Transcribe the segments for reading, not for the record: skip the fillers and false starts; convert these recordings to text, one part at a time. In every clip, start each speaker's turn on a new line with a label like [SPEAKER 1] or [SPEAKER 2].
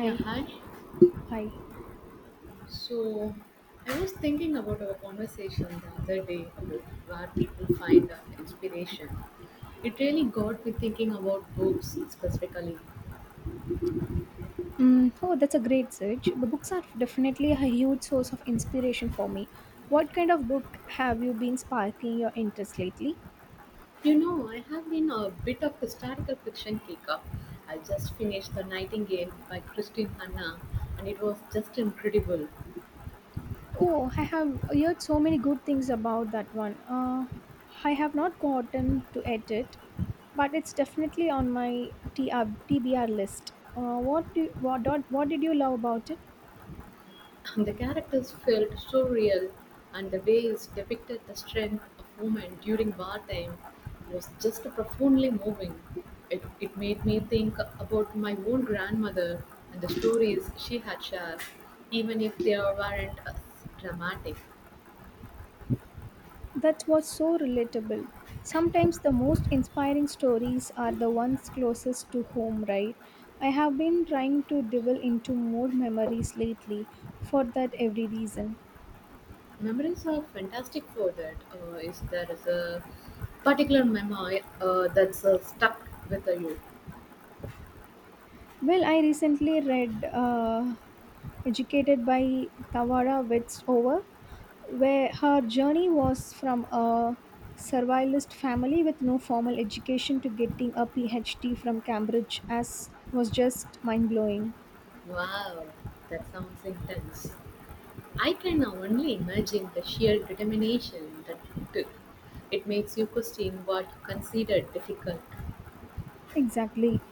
[SPEAKER 1] Yeah, hi.
[SPEAKER 2] hi.
[SPEAKER 1] So I was thinking about our conversation the other day about where people find inspiration. It really got me thinking about books specifically.
[SPEAKER 2] Oh, that's a great search. The books are definitely a huge source of inspiration for me. What kind of book have you been sparking your interest lately?
[SPEAKER 1] You know, I have been a bit of historical fiction kick up. I just finished The Nightingale by Christine Hanna, and it was just incredible.
[SPEAKER 2] Oh, I have heard so many good things about that one. I have not gotten to edit, but it's definitely on my TRTBR list. What do what did you love about it?
[SPEAKER 1] And the characters felt so real, and the way it depicted the strength of women during wartime was just profoundly moving. It made me think about my own grandmother and the stories she had shared, even if they weren't as dramatic.
[SPEAKER 2] That was so relatable. Sometimes the most inspiring stories are the ones closest to home, right? I have been trying to delve into more memories lately for that every reason.
[SPEAKER 1] Memories are fantastic for that. Is there is a particular memory that's stuck with you?
[SPEAKER 2] Well, I recently read Educated by Tawara Westover, where her journey was from a survivalist family with no formal education to getting a PhD from Cambridge as was just mind blowing.
[SPEAKER 1] Wow, that sounds intense. I can now only imagine the sheer determination that it took. It makes you question what you considered difficult.
[SPEAKER 2] Exactly.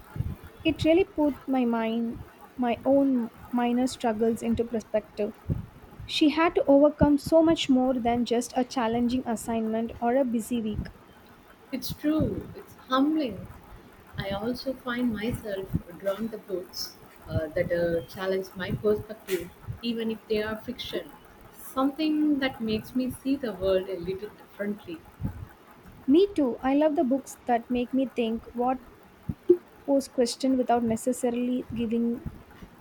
[SPEAKER 2] It really put my own minor struggles into perspective. She had to overcome so much more than just a challenging assignment or a busy week.
[SPEAKER 1] It's true, it's humbling. I also find myself drawing the books that challenge my perspective, even if they are fiction. Something that makes me see the world a little differently.
[SPEAKER 2] Me too. I love the books that make me think, what pose question without necessarily giving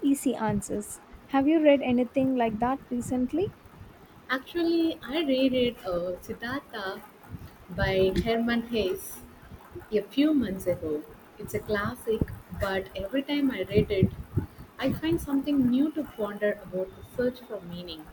[SPEAKER 2] easy answers. Have you read anything like that recently?
[SPEAKER 1] Actually, I reread Siddhartha by Herman Hesse a few months ago. It's a classic, but every time I read it, I find something new to ponder about the search for meaning.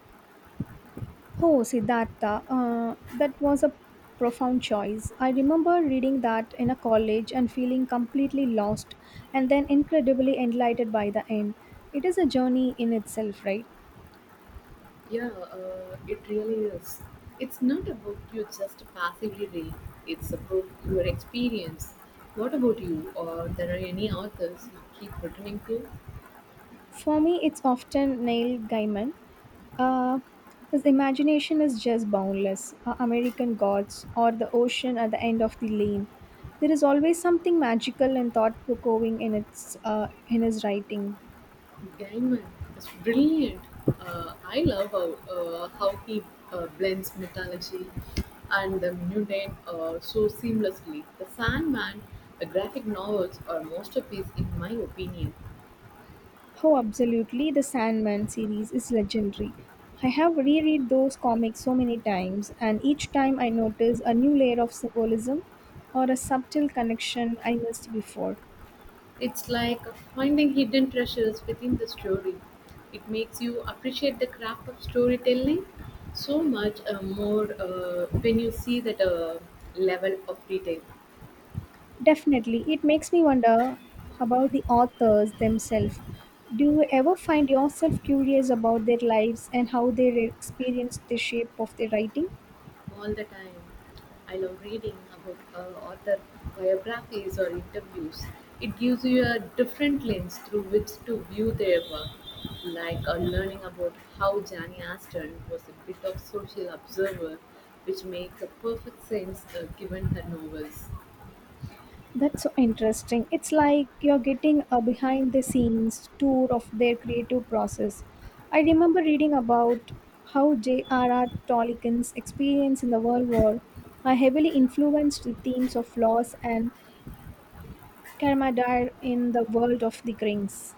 [SPEAKER 2] Oh, Siddhartha, that was a profound choice. I remember reading that in a college and feeling completely lost and then incredibly enlightened by the end. It is a journey in itself, right?
[SPEAKER 1] Yeah, it really is. It's not a book you just passively read, it's a book you experience. What about you, or there are any authors you keep returning to?
[SPEAKER 2] For me, it's often Neil Gaiman. Uh, his imagination is just boundless. American gods or the ocean at the end of the lane. There is always something magical and thought provoking in his writing.
[SPEAKER 1] Gaiman is brilliant. I love how he blends mythology and the mundane so seamlessly. The Sandman, the graphic novels, are masterpiece in my opinion.
[SPEAKER 2] Oh, absolutely. The Sandman series is legendary. I have reread those comics so many times, and each time I notice a new layer of symbolism or a subtle connection I missed before.
[SPEAKER 1] It's like finding hidden treasures within the story. It makes you appreciate the craft of storytelling so much more when you see that level of detail.
[SPEAKER 2] Definitely, it makes me wonder about the authors themselves. Do you ever find yourself curious about their lives and how their experience the shape of their writing?
[SPEAKER 1] All the time. I love reading about author biographies or interviews. It gives you a different lens through which to view their work, like learning about how Jane Austen was a bit of social observer, which makes a perfect sense given her novels.
[SPEAKER 2] That's so interesting. It's like you're getting a behind the scenes tour of their creative process. I remember reading about how J.R.R. Tolkien's experience in the World War heavily influenced the themes of loss and camaraderie in the world of the Krings.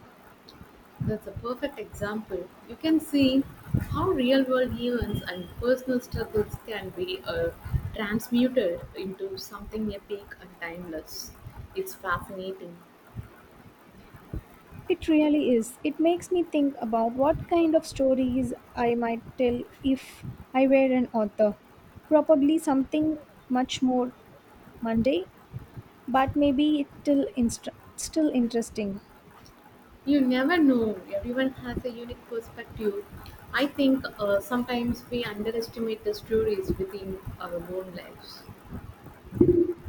[SPEAKER 1] That's a perfect example. You can see how real world events and personal struggles can be transmuted into something epic and timeless. It's fascinating.
[SPEAKER 2] It really is. It makes me think about what kind of stories I might tell if I were an author. Probably something much more mundane, but maybe it's still interesting.
[SPEAKER 1] You never know, everyone has a unique perspective. I think sometimes we underestimate the stories within our own lives.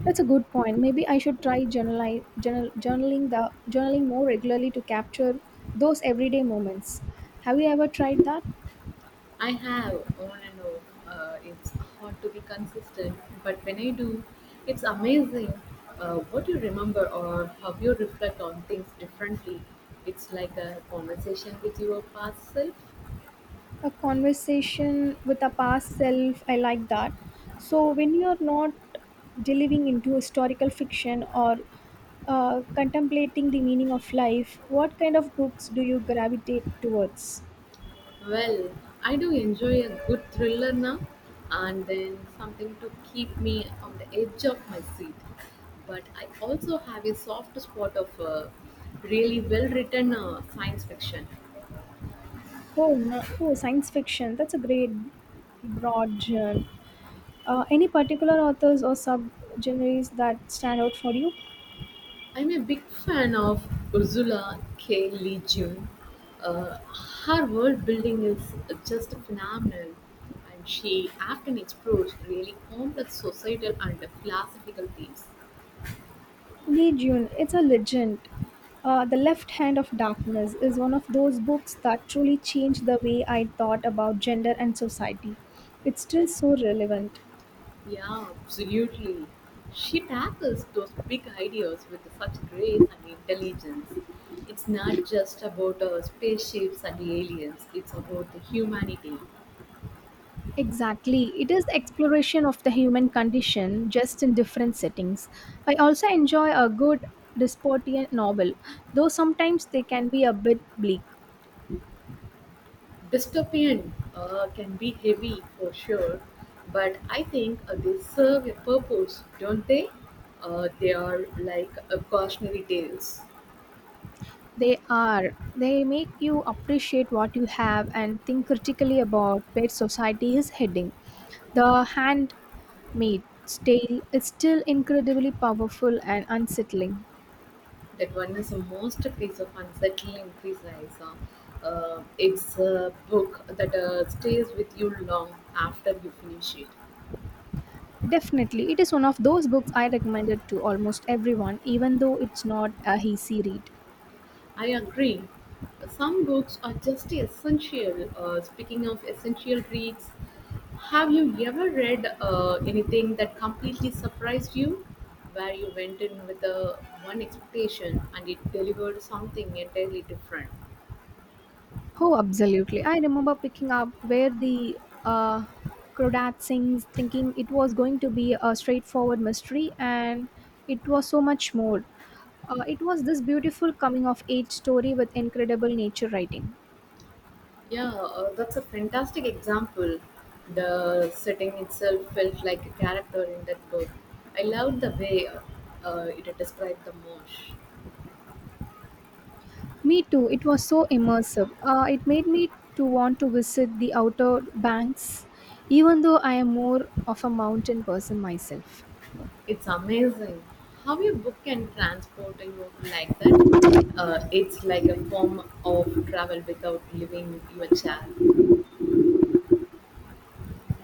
[SPEAKER 2] That's a good point. Maybe I should try journaling more regularly to capture those everyday moments. Have you ever tried that?
[SPEAKER 1] I have, on and off. It's hard to be consistent, but when I do, it's amazing what you remember or how you reflect on things differently. It's like a conversation with your past self.
[SPEAKER 2] A conversation with a past self, I like that. So when you're not delving into historical fiction or contemplating the meaning of life, what kind of books do you gravitate towards?
[SPEAKER 1] Well, I do enjoy a good thriller now and then, something to keep me on the edge of my seat. But I also have a soft spot of really well written science fiction.
[SPEAKER 2] Oh, no, oh, science fiction, that's a great broad genre. Any particular authors or subgenres that stand out for you?
[SPEAKER 1] I'm a big fan of Ursula K. Le Guin. Uh, Her world building is just phenomenal, and she often explores really complex societal and philosophical themes.
[SPEAKER 2] Lee Jun, it's a legend. The Left Hand of Darkness is one of those books that truly changed the way I thought about gender and society. It's still so relevant.
[SPEAKER 1] Yeah, absolutely. She tackles those big ideas with such grace and intelligence. It's not just about spaceships and aliens, it's about the humanity.
[SPEAKER 2] Exactly. It is the exploration of the human condition just in different settings. I also enjoy a good dystopian novel, though sometimes they can be a bit bleak.
[SPEAKER 1] Dystopian can be heavy for sure, but I think they serve a purpose, don't they? They are like cautionary tales.
[SPEAKER 2] They are. They make you appreciate what you have and think critically about where society is heading. The handmaid's tale is still incredibly powerful and unsettling.
[SPEAKER 1] That one is the most piece of unsettling piece I saw. It's a book that stays with you long after you finish it.
[SPEAKER 2] Definitely, it is one of those books I recommended to almost everyone, even though it's not a easy read.
[SPEAKER 1] I agree. Some books are just essential. Speaking of essential reads, have you ever read anything that completely surprised you, where you went in with a one expectation and it delivered something entirely different?
[SPEAKER 2] Oh, absolutely. I remember picking up where the Crawdad sings, thinking it was going to be a straightforward mystery, and it was so much more. It was this beautiful coming of age story with incredible nature writing.
[SPEAKER 1] Yeah, that's a fantastic example. The setting itself felt like a character in that book. I loved the way it described the marsh.
[SPEAKER 2] Me too. It was so immersive. It made me to want to visit the outer banks, even though I am more of a mountain person myself.
[SPEAKER 1] It's amazing how a book can transport you like that. It's like a form of travel without leaving your chair.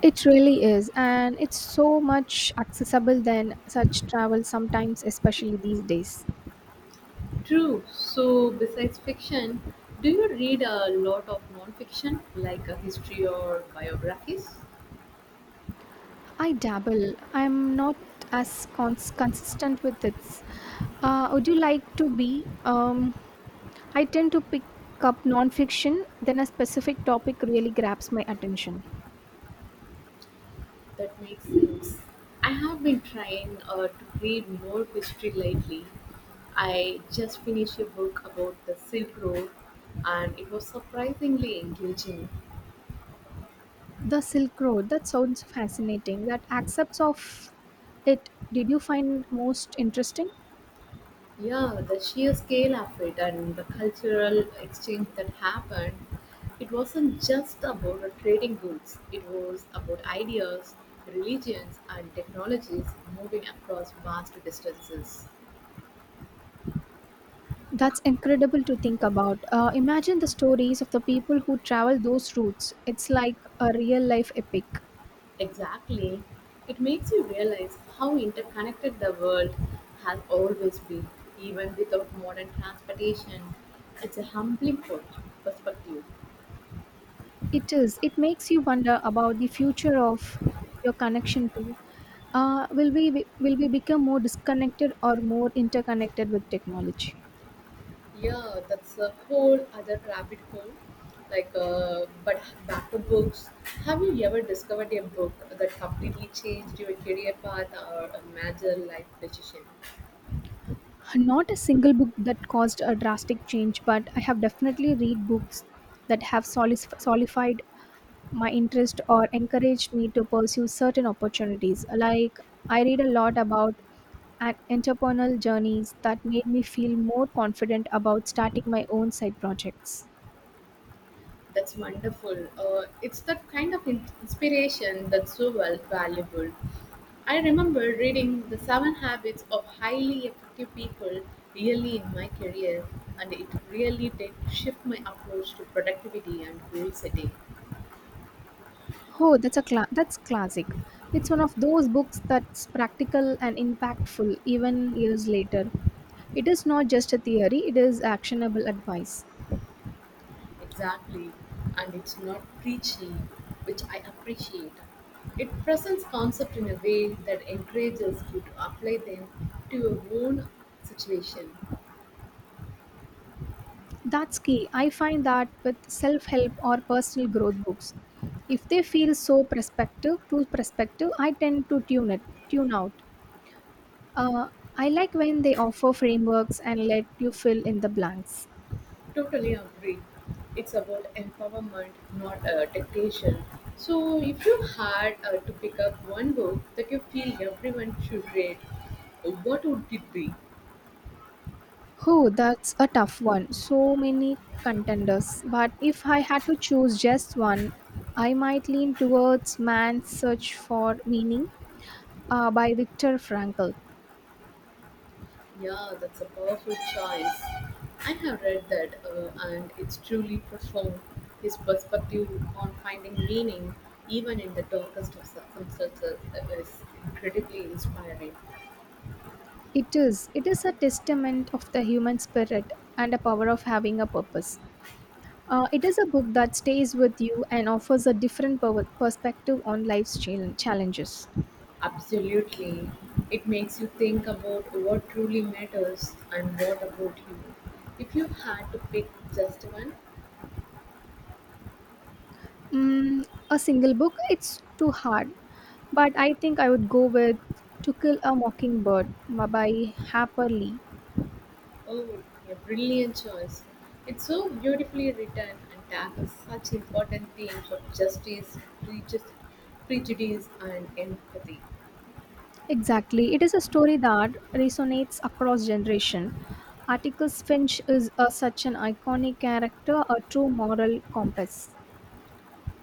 [SPEAKER 2] It really is, and it's so much accessible than such travel sometimes, especially these days.
[SPEAKER 1] True. So, besides fiction, do you read a lot of non-fiction, like history or biographies?
[SPEAKER 2] I dabble. I'm not as consistent with it. Would you like to be? I tend to pick up nonfiction, then a specific topic really grabs my attention.
[SPEAKER 1] That makes sense. I have been trying to read more history lately. I just finished a book about the Silk Road, and it was surprisingly engaging.
[SPEAKER 2] The Silk Road. That sounds fascinating. That accepts of it. Did you find most interesting?
[SPEAKER 1] Yeah, the sheer scale of it and the cultural exchange that happened, it wasn't just about trading goods, it was about ideas, religions, and technologies moving across vast distances.
[SPEAKER 2] That's incredible to think about. Imagine the stories of the people who travel those routes. It's like a real life epic.
[SPEAKER 1] Exactly. It makes you realize how interconnected the world has always been, even without modern transportation. It's a humbling perspective.
[SPEAKER 2] It is. It makes you wonder about the future of your connection to. Uh, will we will we become more disconnected or more interconnected with technology?
[SPEAKER 1] Yeah, that's a whole other rabbit hole. Like, but back to books. Have you ever discovered a book that completely changed your career path or a major life decision?
[SPEAKER 2] Not a single book that caused a drastic change, but I have definitely read books that have solidified my interest or encouraged me to pursue certain opportunities. Like I read a lot about and entrepreneurial journeys that made me feel more confident about starting my own side projects.
[SPEAKER 1] That's wonderful. It's that kind of inspiration that's so well valuable. I remember reading The Seven Habits of Highly Effective People early in my career, and it really did shift my approach to productivity and goal setting.
[SPEAKER 2] That's classic. It's one of those books that's practical and impactful even years later. It is not just a theory, it is actionable advice.
[SPEAKER 1] Exactly. And it's not preachy, which I appreciate. It presents concepts in a way that encourages you to apply them to your own situation.
[SPEAKER 2] That's key. I find that with self-help or personal growth books. If they feel so perspective, too perspective, I tend to tune out. Uh, I like when they offer frameworks and let you fill in the blanks.
[SPEAKER 1] Totally agree. It's about empowerment, not dictation. So, if you had to pick up one book that you feel everyone should read, what would it be?
[SPEAKER 2] Oh, that's a tough one. So many contenders. But if I had to choose just one, I might lean towards Man's Search for Meaning by Viktor Frankl.
[SPEAKER 1] Yeah, that's a powerful choice. I have read that, and it's truly profound. His perspective on finding meaning, even in the darkest of circumstances, is incredibly inspiring.
[SPEAKER 2] It is. It is a testament of the human spirit and the power of having a purpose. It is a book that stays with you and offers a different perspective on life's challenges.
[SPEAKER 1] Absolutely. It makes you think about what truly matters. And what about you? If you had to pick just one.
[SPEAKER 2] A single book, it's too hard. But I think I would go with To Kill a Mockingbird by Harper Lee.
[SPEAKER 1] Oh, a brilliant choice. It's so beautifully written and tackles such important themes of justice, prejudice, prejudice and empathy.
[SPEAKER 2] Exactly. It is a story that resonates across generation. Atticus Finch is a, such an iconic character, a true moral compass.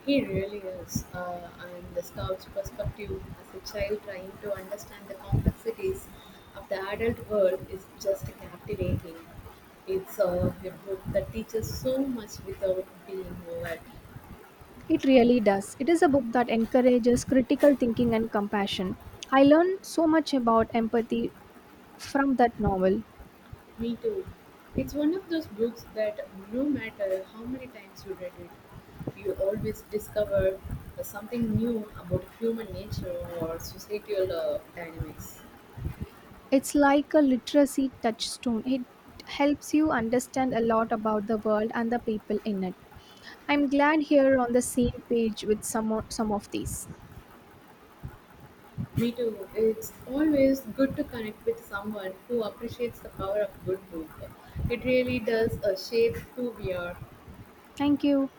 [SPEAKER 1] He really is. And the scout's perspective as a child trying to understand the complexities of the adult world is just captivating. It's a book that teaches so much without being led.
[SPEAKER 2] It really does. It is a book that encourages critical thinking and compassion. I learned so much about empathy from that novel.
[SPEAKER 1] Me too. It's one of those books that no matter how many times you read it, you always discover something new about human nature or societal dynamics.
[SPEAKER 2] It's like a literacy touchstone. It helps you understand a lot about the world and the people in it. I'm glad here on the same page with some of these.
[SPEAKER 1] Me too. It's always good to connect with someone who appreciates the power of good book. It really does shape who we are.
[SPEAKER 2] Thank you.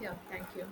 [SPEAKER 1] Yeah, thank you.